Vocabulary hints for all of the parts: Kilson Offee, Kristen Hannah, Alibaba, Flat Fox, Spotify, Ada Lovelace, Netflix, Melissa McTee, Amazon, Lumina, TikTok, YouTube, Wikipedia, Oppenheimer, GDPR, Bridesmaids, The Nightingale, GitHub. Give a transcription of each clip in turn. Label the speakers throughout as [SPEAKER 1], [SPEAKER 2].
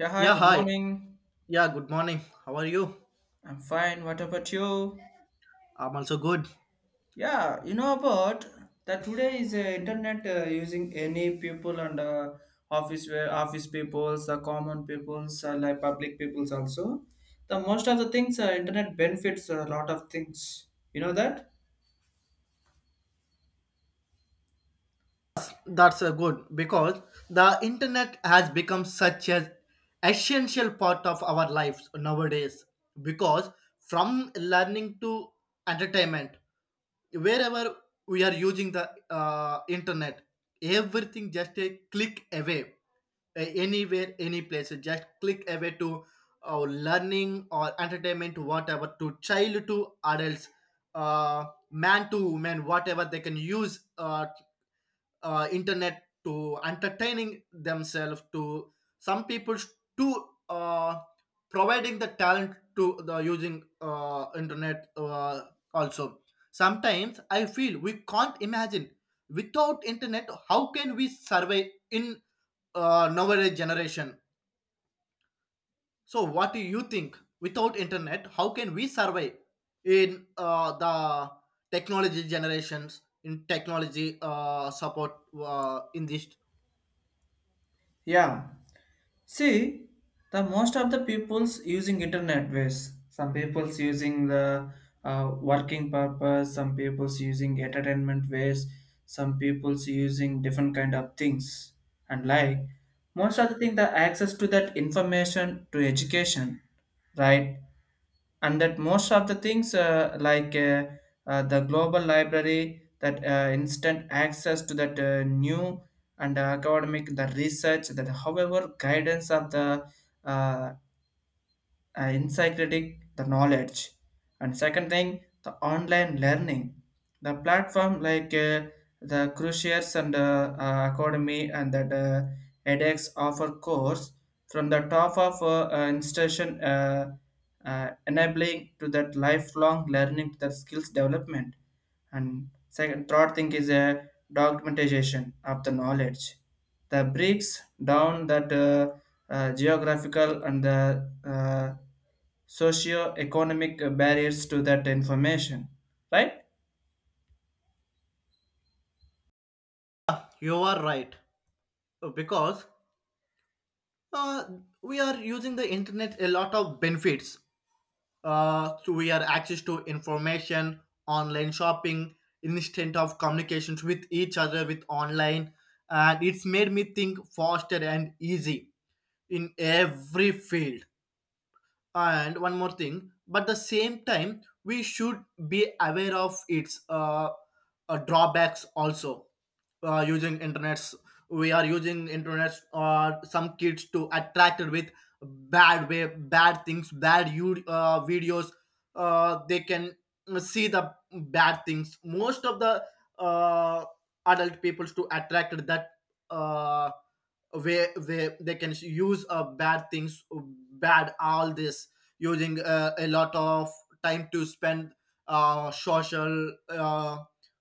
[SPEAKER 1] Yeah, hi,
[SPEAKER 2] Yeah,
[SPEAKER 1] good
[SPEAKER 2] hi.
[SPEAKER 1] morning.
[SPEAKER 2] Yeah, good morning. How are you?
[SPEAKER 1] I'm fine. What about you?
[SPEAKER 2] I'm also good.
[SPEAKER 1] Yeah, you know about that today is internet using any people and office where office peoples, the common peoples, like public peoples also. The most of the things internet benefits a lot of things. You know that?
[SPEAKER 2] That's good because the internet has become such an essential part of our lives nowadays. Because from learning to entertainment, wherever we are using the internet everything just a click away, anywhere any place just click away to learning or entertainment whatever to child to adults, uh, man to woman whatever they can use internet to entertaining themselves, to some people to providing the talent to the using internet, also sometimes I feel we can't imagine without internet how can we survive in nowadays generation. So what do you think, without internet how can we survive in the technology generations, in technology support in this?
[SPEAKER 1] Yeah. See, the most of the people's using internet ways. Some people's using the working purpose. Some people's using entertainment ways. Some people's using different kind of things. And like most of the thing, the access to that information to education, right? And that most of the things like the global library that instant access to that new and academic the research that however guidance of the uh, encyclopedic the knowledge. And second thing, the online learning, the platform like the cruciates and academy and that edx offer course from the top of institution, enabling to that lifelong learning to the skills development. And second third thing is a documentation of the knowledge that breaks down that geographical and the socio-economic barriers to that information, right?
[SPEAKER 2] You are right, because uh, we are using the internet a lot of benefits. So we are access to information, online shopping, instant of communications with each other with online, and it's made me think faster and easy in every field. And one more thing, but the same time we should be aware of its drawbacks also. Using internets, we are using internets or some kids to attracted with bad way, bad things, bad you videos. They can see the bad things. Most of the uh, adult peoples to attracted that, uh, where they can use bad things, bad, all this using a lot of time to spend social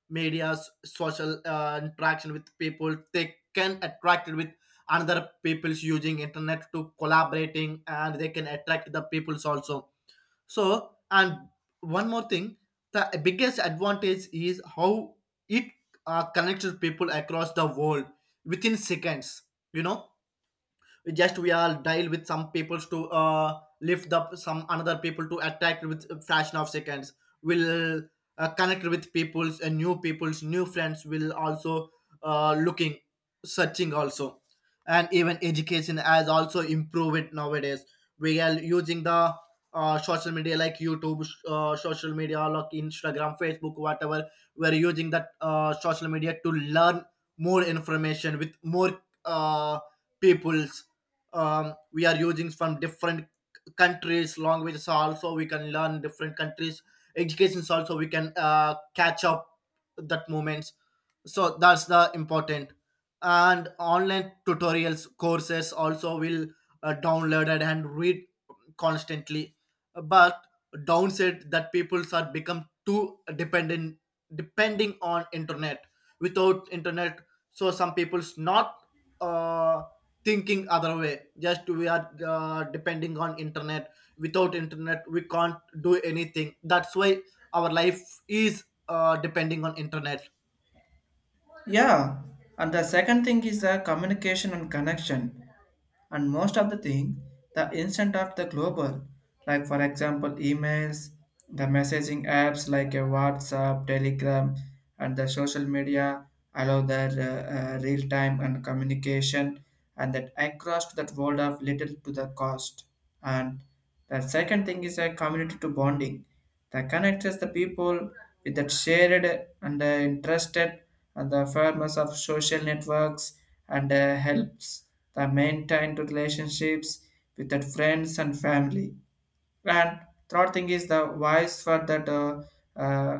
[SPEAKER 2] media, social interaction with people. They can attract with another people's using internet to collaborating, and they can attract the people's also. So, and one more thing, the biggest advantage is how it connects people across the world within seconds. You know, just we are dial with some people to lift up some another people to attack with fraction of seconds will connect with peoples and new peoples, new friends will also looking, searching also. And even education has also improved nowadays. We are using the social media like YouTube, social media like Instagram, Facebook, whatever. We are using that social media to learn more information with more peoples. We are using from different countries languages also. We can learn different countries educations also. We can catch up that moments. So that's the important. And online tutorials, courses also will downloaded and read constantly. But downside, that people are become too dependent, depending on internet. Without internet, so some people's not uh, thinking other way, just we are depending on internet. Without internet we can't do anything. That's why our life is depending on internet.
[SPEAKER 1] Yeah. And the second thing is the communication and connection. And most of the thing, the instant of the global, like for example emails, the messaging apps like a WhatsApp, Telegram, and the social media allow their real time and communication, and that across to that world of little to the cost. And the second thing is a community to bonding that connects the people with that shared and interested and the firmness of social networks and helps the maintain the relationships with that friends and family. And third thing is the voice for that uh,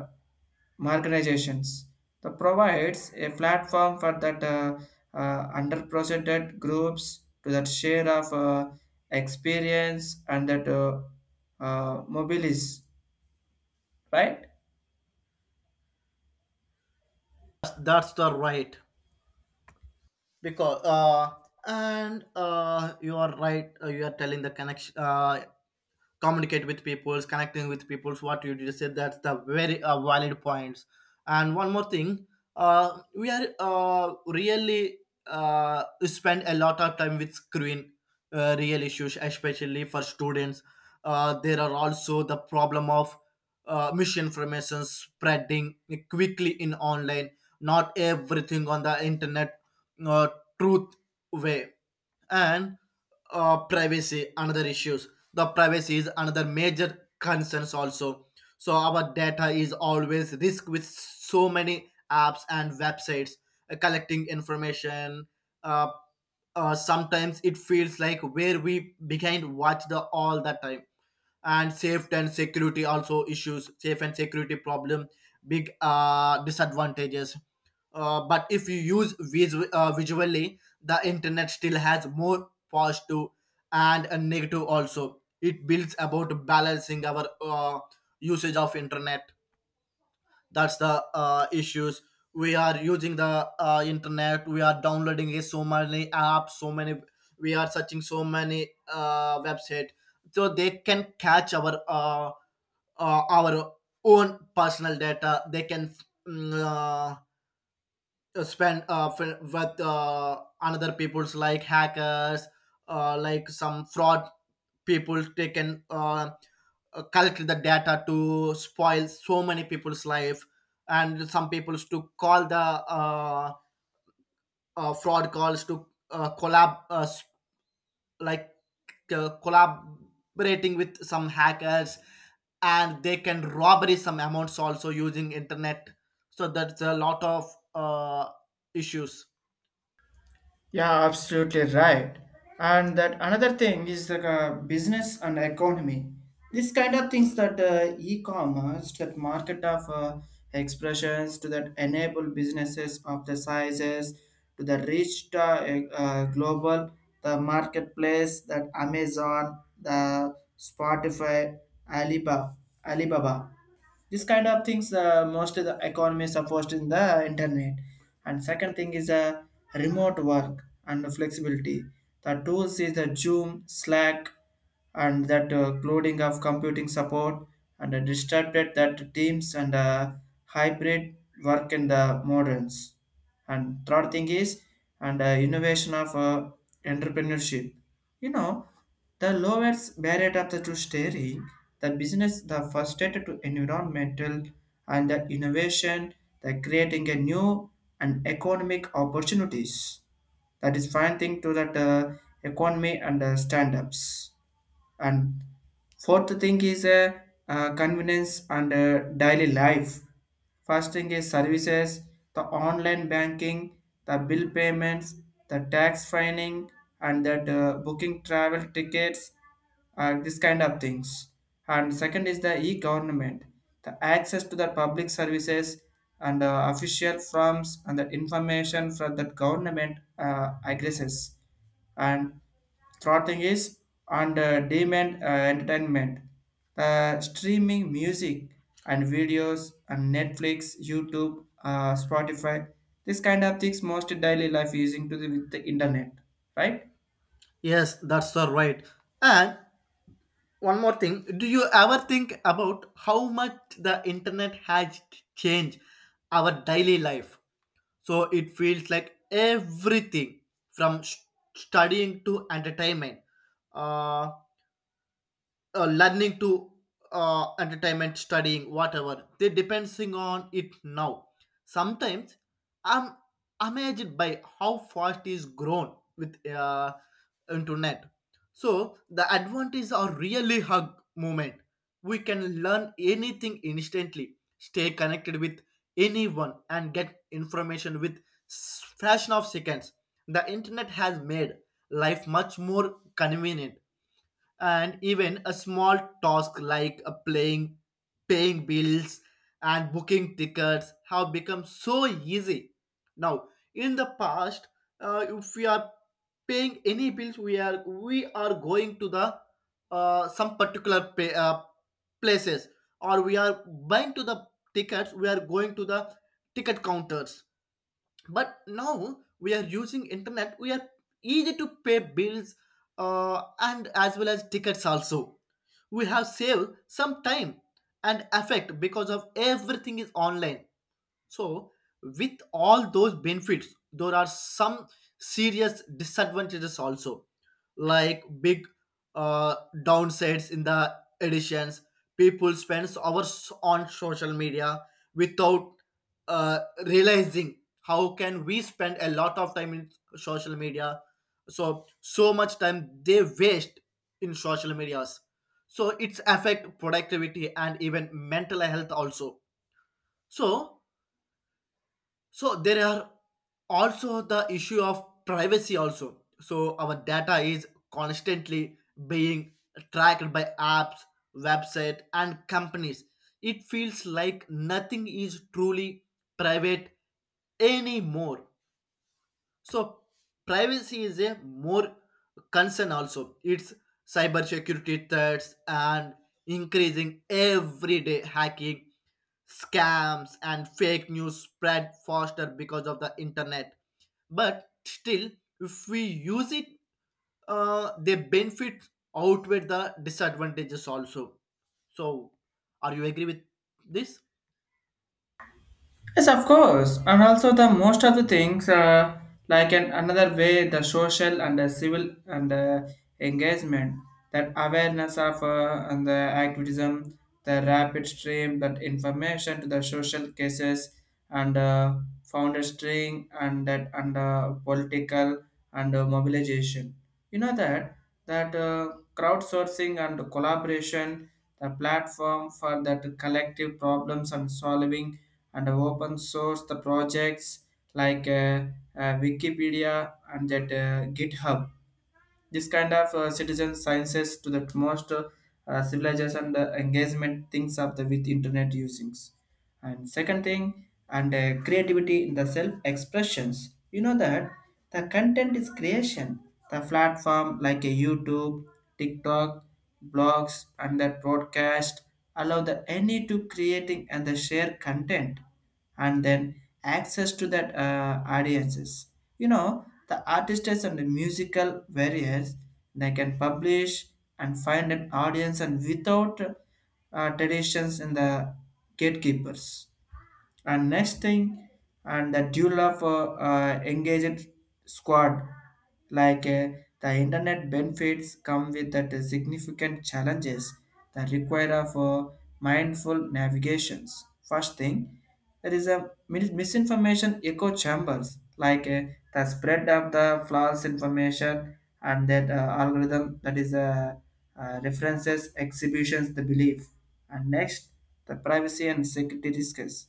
[SPEAKER 1] marginalizations, that provides a platform for that underrepresented groups to that share of experience and that mobilities, right?
[SPEAKER 2] That's the right, because and you are right. You are telling the connection, communicate with peoples, connecting with peoples. What you just said, that's the very valid points. And one more thing, we are really spend a lot of time with screen, real issues, especially for students. There are also the problem of misinformation spreading quickly in online. Not everything on the internet, uh, truth way. And privacy another issues, the privacy is another major concerns also. So our data is always risk with so many apps and websites collecting information. uh, Sometimes it feels like where we behind watch the all the time. And safety and security also issues, safe and security problem, big disadvantages. But if you use visually, the internet still has more positive and a negative also. It builds about balancing our usage of internet. That's the issues. We are using the internet, we are downloading it, so many apps, so many we are searching so many website. So they can catch our own personal data. They can mm, uh, spend with another people's like hackers, like some fraud people. They can collect the data to spoil so many people's life. And some people's to call the uh, fraud calls to uh, collab uh, s- like collaborating with some hackers. And they can robbery some amounts also using internet. So that's a lot of issues.
[SPEAKER 1] Yeah, absolutely right. And that another thing is the business and economy. This kind of things that e-commerce, that market of expressions, to that enable businesses of the sizes, to the reach the e, global, the marketplace, that Amazon, the Spotify, Alibaba, Alibaba, this kind of things, most of the economies are forced in the internet. And second thing is remote work and flexibility, the tools is the Zoom, Slack, and that clouding of computing support and disrupted that teams and hybrid work in the moderns. And third thing is, and innovation of entrepreneurship, you know, the lowest barrier of the to steering, the business, the first step to environmental and the innovation, the creating a new and economic opportunities. That is fine thing to that economy and stand-ups. And fourth thing is convenience and daily life. First thing is services, the online banking, the bill payments, the tax filing, and that booking travel tickets, this kind of things. And second is the e-government, the access to the public services and official forms and the information from the government addresses. And throttling is on the demand entertainment. The streaming music and videos on Netflix, YouTube, Spotify, this kind of things most daily life using to the, with the internet, right?
[SPEAKER 2] Yes, that's all right. And one more thing, do you ever think about how much the internet has changed our daily life? So it feels like everything from studying to entertainment. Uh, Learning to entertainment, studying, whatever. They depending on it now. Sometimes I'm amazed by how fast is grown with internet. So the advantages are really hug moment. We can learn anything instantly, stay connected with anyone, and get information with fraction of seconds. The internet has made life much more convenient, and even a small task like a playing, paying bills and booking tickets have become so easy now. In the past, if we are paying any bills, we are going to the some particular pay, places, or we are buying to the tickets, we are going to the ticket counters. But now we are using internet, we are easy to pay bills, and as well as tickets also. We have saved some time and effect because of everything is online. So, with all those benefits, there are some serious disadvantages also, like big uh, downsides in the editions. People spends hours on social media without uh, realizing how can we spend a lot of time in social media. So so much time they waste in social medias. So it's affect productivity and even mental health also. So, so there are also the issue of privacy also. So our data is constantly being tracked by apps, website and companies. It feels like nothing is truly private anymore. So privacy is a more concern also. It's cyber security threats and increasing everyday hacking, scams and fake news spread faster because of the internet. But still, if we use it, the benefits outweigh the disadvantages also. So, are you agree with this?
[SPEAKER 1] Yes, of course. And also the most of the things, like an, another way, the social and the civil and engagement, that awareness of and the activism, the rapid stream, that information to the social cases and founder string and that and political and mobilization. You know that that crowdsourcing and collaboration, the platform for that collective problems and solving and open source the projects like Wikipedia and that GitHub. This kind of citizen sciences to the most civilization engagement things of the with internet usings. And second thing, and creativity in the self expressions. You know that the content is creation. The platform like a YouTube, TikTok, blogs, and that broadcast allow the any to creating and the share content and then access to that audiences. You know, the artists and the musical various, they can publish and find an audience and without traditions in the gatekeepers. And next thing, and the dual of engaged squad, like the internet benefits come with that significant challenges that require of mindful navigations. First thing, there is a misinformation echo chambers, like the spread of the false information and that algorithm that is references, exhibitions, the belief. And next, the privacy and security risks,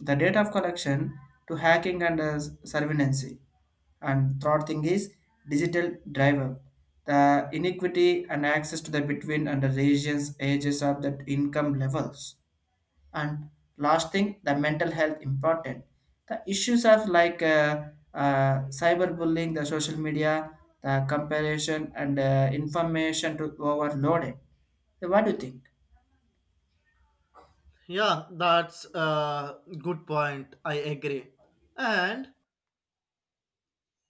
[SPEAKER 1] the date of collection to hacking and surveillance. And third thing is digital driver, the inequity and access to the between and the regions, ages of the income levels. And last thing, the mental health important. The issues of like cyberbullying, the social media, the comparison and information to overloaded. So what do you think?
[SPEAKER 2] Yeah, that's a good point. I agree. And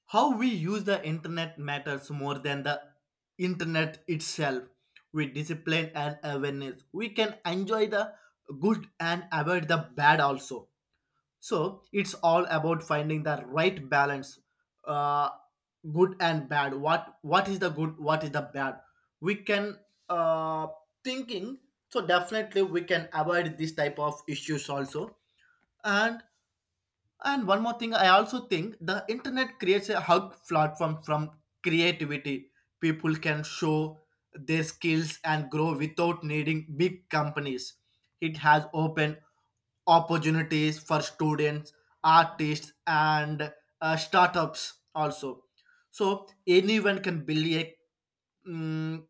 [SPEAKER 2] how we use the internet matters more than the internet itself. With discipline and awareness, we can enjoy the good and avoid the bad also. So it's all about finding the right balance, uh, good and bad. What is the good? What is the bad? We can uh, thinking. So definitely we can avoid this type of issues also. And and one more thing, I also think the internet creates a hub platform from creativity. People can show their skills and grow without needing big companies. It has opened opportunities for students, artists, and startups also. So anyone can build a mm,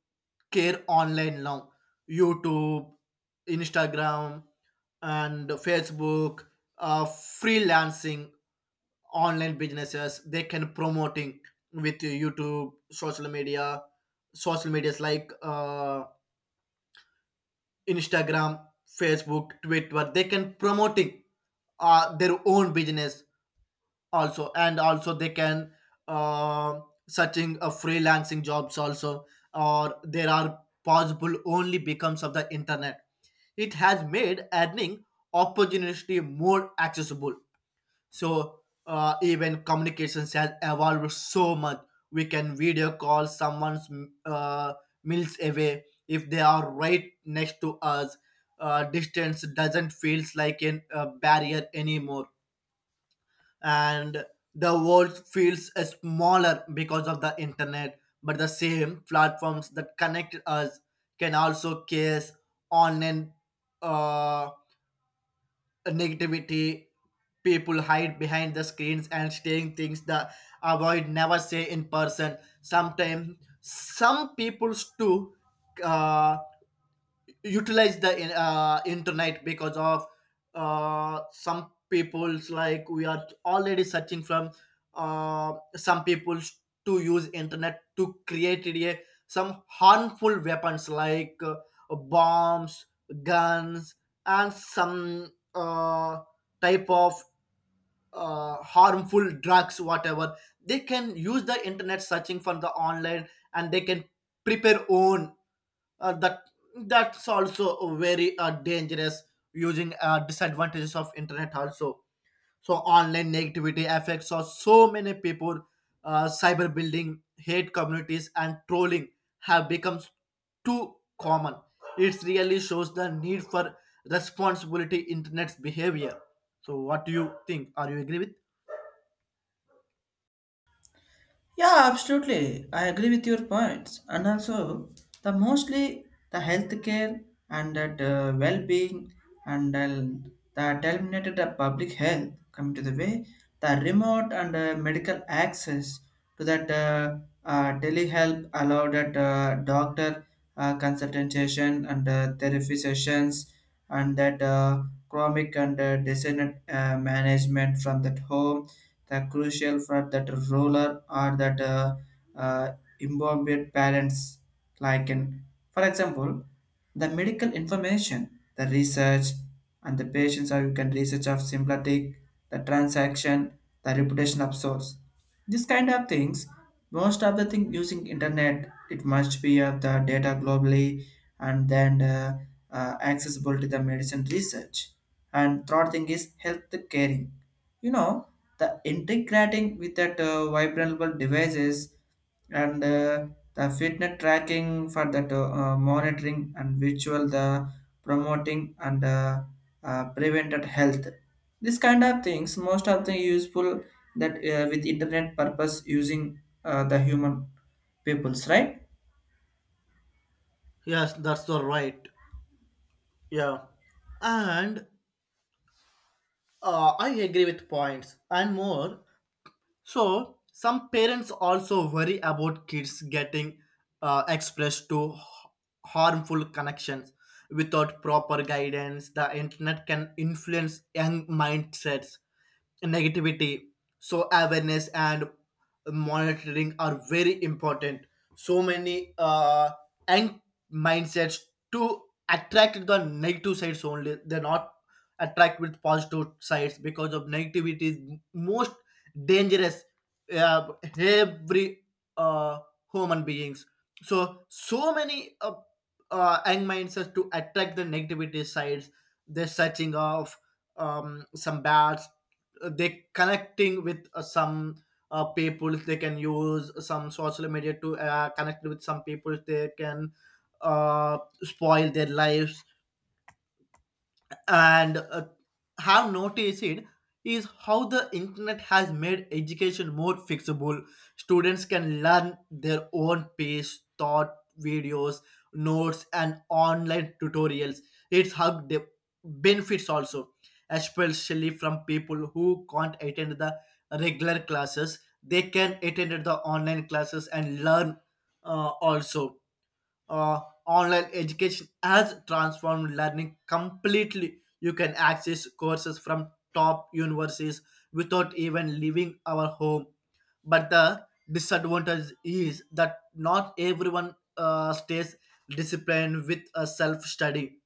[SPEAKER 2] care online now. YouTube, Instagram, and Facebook, freelancing, online businesses they can promoting with YouTube social media, social medias like Instagram, Facebook, Twitter, they can promoting their own business also. And also they can uh, searching freelancing jobs also, or there are possible only becomes of the internet. It has made earning opportunity more accessible. So even communications has evolved so much. We can video call someone's uh, miles away if they are right next to us. Distance doesn't feels like an, a barrier anymore, and the world feels smaller because of the internet. But the same platforms that connect us can also cause online uh, negativity. People hide behind the screens and saying things that avoid never say in person. Sometimes some people too uh, utilize the internet because of some people's like we are already searching from some people's to use internet to create a, some harmful weapons like bombs, guns and some type of harmful drugs whatever. They can use the internet searching from the online, and they can prepare own that. That's also very dangerous, using disadvantages of internet also. So online negativity affects us so many people. Uh, cyberbullying, hate communities and trolling have become too common. It really shows the need for responsibility internet's behavior. So what do you think, are you agree with?
[SPEAKER 1] Yeah, absolutely. I agree with your points. And also, the mostly the healthcare and that well-being and the terminated the public health come to the way, the remote and medical access to that telehealth allowed that doctor consultation and therapy sessions and that chronic and designated management from that home, the crucial for that roller or that uh, imbued parents, like in for example the medical information, the research and the patients or you can research of sympathetic, the transaction, the reputation of source, this kind of things most of the thing using internet it must be of the data globally. And then accessible to the medicine research. And third thing is health caring. You know, the integrating with that vibrable devices and the fitness tracking for that monitoring and virtual the promoting and prevented health, this kind of things most of the useful that with internet purpose using, the human peoples, right?
[SPEAKER 2] Yes, that's the right. Yeah, and I agree with points. And more, so some parents also worry about kids getting uh, expressed to h- harmful connections without proper guidance. The internet can influence young mindsets, negativity. So, awareness and monitoring are very important. So many young mindsets to attract the negative sides only. They're not attract with positive sides because of negativity is most dangerous uh, every uh, human beings. So so many young minds are to attract the negativity sides. They're searching of some bads. They connecting with some people. They can use some social media to connect with some people. They can spoil their lives. And have noticed it is how the internet has made education more fixable. Students can learn their own pace, thought, videos, notes, and online tutorials. It's how the benefits also, especially from people who can't attend the regular classes. They can attend the online classes and learn also. uh, Online education has transformed learning completely. You can access courses from top universities without even leaving our home. But the disadvantage is that not everyone stays disciplined with a self study.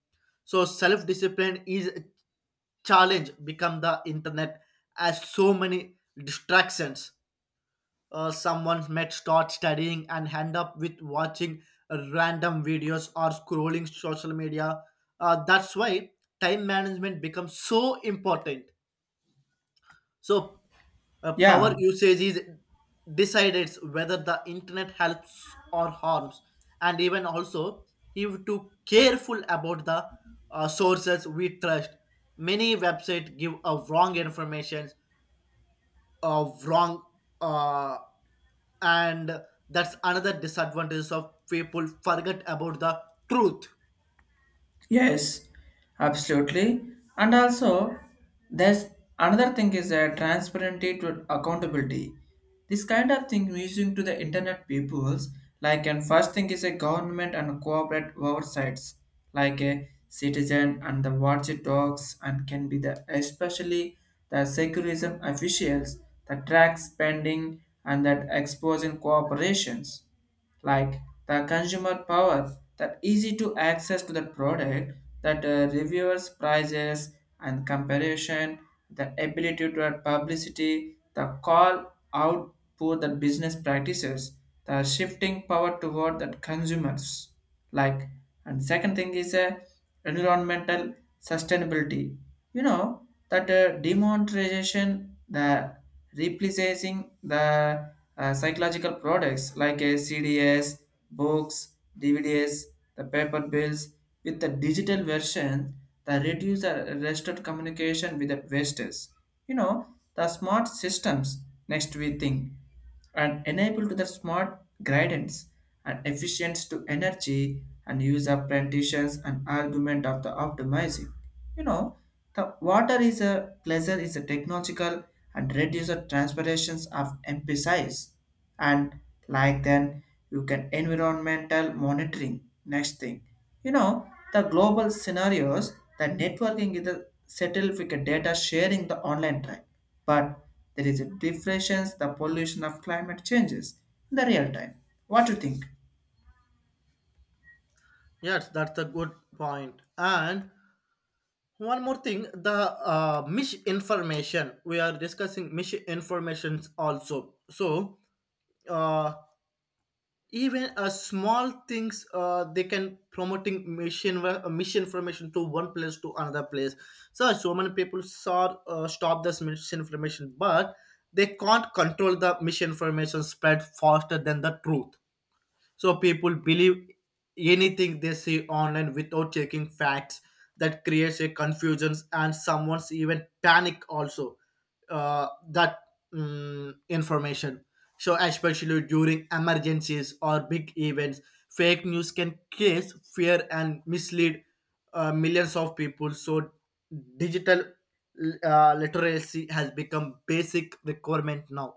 [SPEAKER 2] So, self discipline is a challenge become the internet as so many distractions. Someone might start studying and end up with watching random videos or scrolling social media. That's why time management becomes so important. So, power
[SPEAKER 1] Yeah.
[SPEAKER 2] usage is decided whether the internet helps or harms, and even also you have to careful about the sources we trust. Many websites give a wrong information of wrong, uh, and that's another disadvantage of people forget about the truth.
[SPEAKER 1] Yes, absolutely. And also, there's another thing is transparency to accountability. This kind of thing we using to the internet peoples, like, and first thing is a government and corporate oversights, like a citizen and the watchdogs and can be the especially the secularism officials that track spending and that exposing corporations, like the consumer power that easy to access to the product, that reviewers prices and comparison, the ability to add publicity the call out for the business practices, the shifting power toward the consumers. Like, and second thing is environmental sustainability. You know that demonetization, the replacing the psychological products like a CDs, books, DVDs, the paper bills with the digital version, that reduce the restricted communication with the wastes. You know, the smart systems next we think, and enable to the smart guidance and efficiency to energy and use apprentices and argument of the optimizing. You know, the water is a pleasure is a technological and reduce the transpirations of emphasize. And like then you can environmental monitoring next thing, you know, the global scenarios, the networking is a settled with the data sharing the online time. But there is a difference, the pollution of climate changes in the real time. What do you think?
[SPEAKER 2] Yes, that's a good point. And one more thing, the misinformation, we are discussing misinformations also. So uh, even small things, they can promoting mission information to one place to another place. So so many people saw stop this misinformation, but they can't control the misinformation spread faster than the truth. So people believe anything they see online without checking facts. That creates a confusions and someone's even panic also. Uh, that information. So especially during emergencies or big events, fake news can cause fear and mislead millions of people. So digital literacy has become basic requirement now.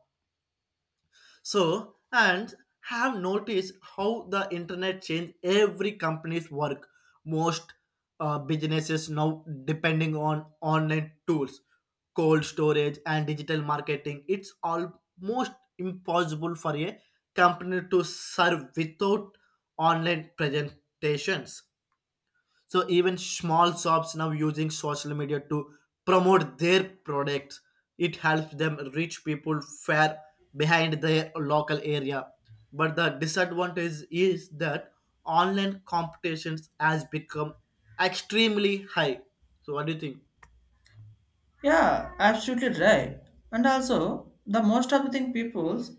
[SPEAKER 2] So, and have noticed how the internet changed every company's work. Most businesses now depending on online tools, cold storage, and digital marketing. It's almost impossible for a company to serve without online presentations. So even small shops now using social media to promote their products. It helps them reach people far behind their local area. But the disadvantage is that online competitions has become extremely high. So what do you think?
[SPEAKER 1] Yeah, absolutely right. And also, the most of the thing people's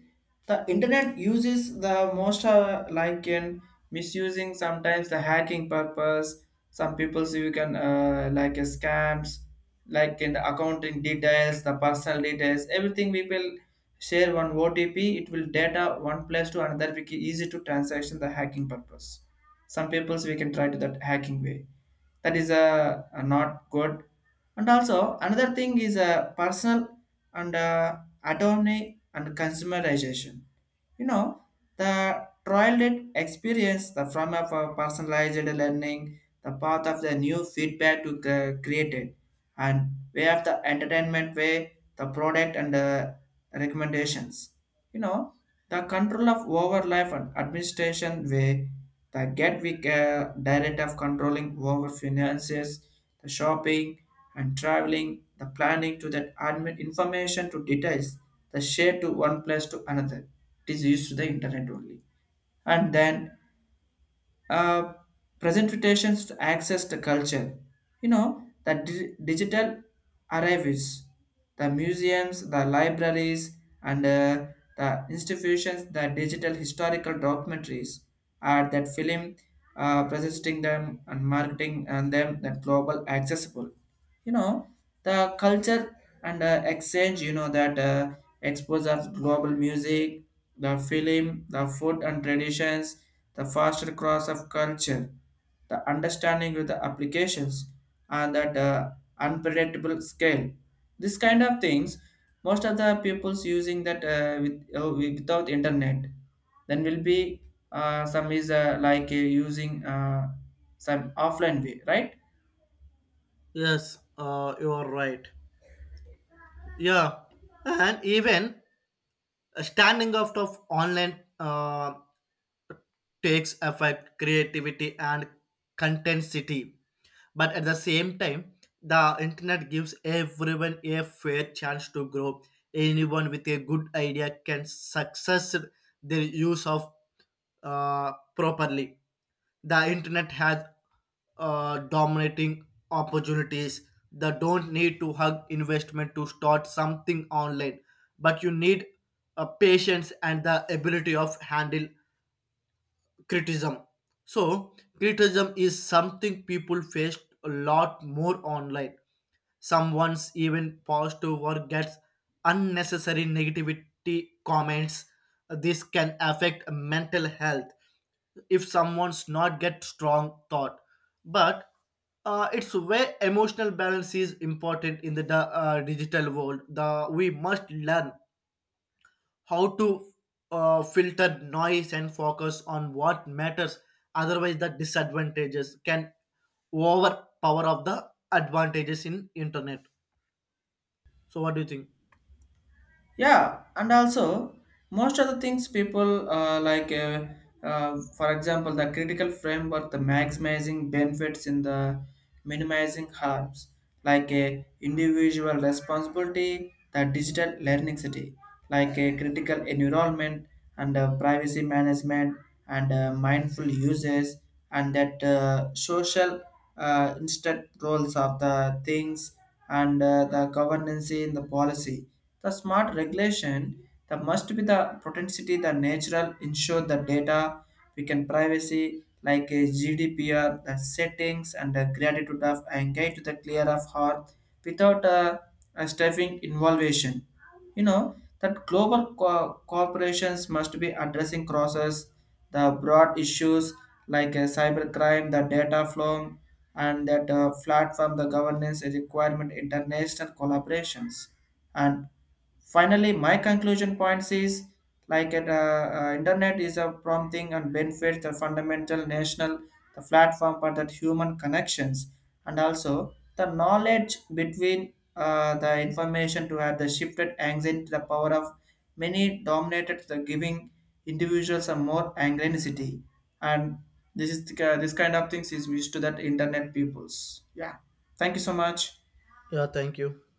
[SPEAKER 1] the internet uses the most like in misusing sometimes the hacking purpose. Some people see you can like scams, like in the accounting details, the personal details, everything people share one OTP. It will data one place to another. We can easy to transaction the hacking purpose. Some people's we can try to that hacking way, that is not good. And also another thing is personal and autonomy and consumerization. You know, the trial it experience the from of personalized learning, the path of the new feedback to created, and way of the entertainment way, the product and recommendations. You know, the control of over life and administration way, the Gatwick direct of controlling over finances, the shopping and traveling, the planning to that admin information to details, the share to one place to another. It is used to the internet only. And then uh, presentations to access the culture. You know, the digital arrivals, the museums, the libraries, and the institutions, the digital historical documentaries are that film presenting them and marketing and them that global accessible. You know, the culture and exchange, you know that expose of global music, the film, the food and traditions, the faster cross of culture, the understanding with the applications and that unpredictable scale. This kind of things most of the people's using that with, without internet then will be some is like using some offline way, right?
[SPEAKER 2] Yes, you are right. Yeah, and even standing out of online takes effect creativity, and content city. But at the same time, the internet gives everyone a fair chance to grow. Anyone with a good idea can success their use of properly. The internet has dominating opportunities that don't need to hug investment to start something online. But you need a patience and the ability of handle criticism. So criticism is something people face a lot more online. Someone's even positive or gets unnecessary negativity comments. This can affect mental health if someone's not get strong thought. But it's where emotional balance is important in the digital world. The we must learn how to filter noise and focus on what matters, otherwise the disadvantages can overpower of the advantages in internet. So what do you think?
[SPEAKER 1] Yeah, and also most of the things people like, for example, the critical framework, the maximizing benefits in the minimizing harms, like a individual responsibility, the digital learning city, like a critical environment and privacy management and mindful uses and that social instant roles of the things and the governance in the policy, the smart regulation that must be the potentiality the natural ensure the data we can privacy like a GDPR, the settings and the gratitude of engage to the clear of heart without a, a staffing involvation. You know that corporations must be addressing crosses the broad issues like cybercrime, the data flow, and that platform the governance requirement international collaborations. And finally my conclusion points is like at, internet is a prompting and benefits the fundamental national, the platform for that human connections and also the knowledge between the information to have the shifted anxiety to the power of many dominated the giving individuals a more anxiety. And this is the, this kind of things is wish to that internet peoples. Yeah, thank you so much.
[SPEAKER 2] Yeah, thank you.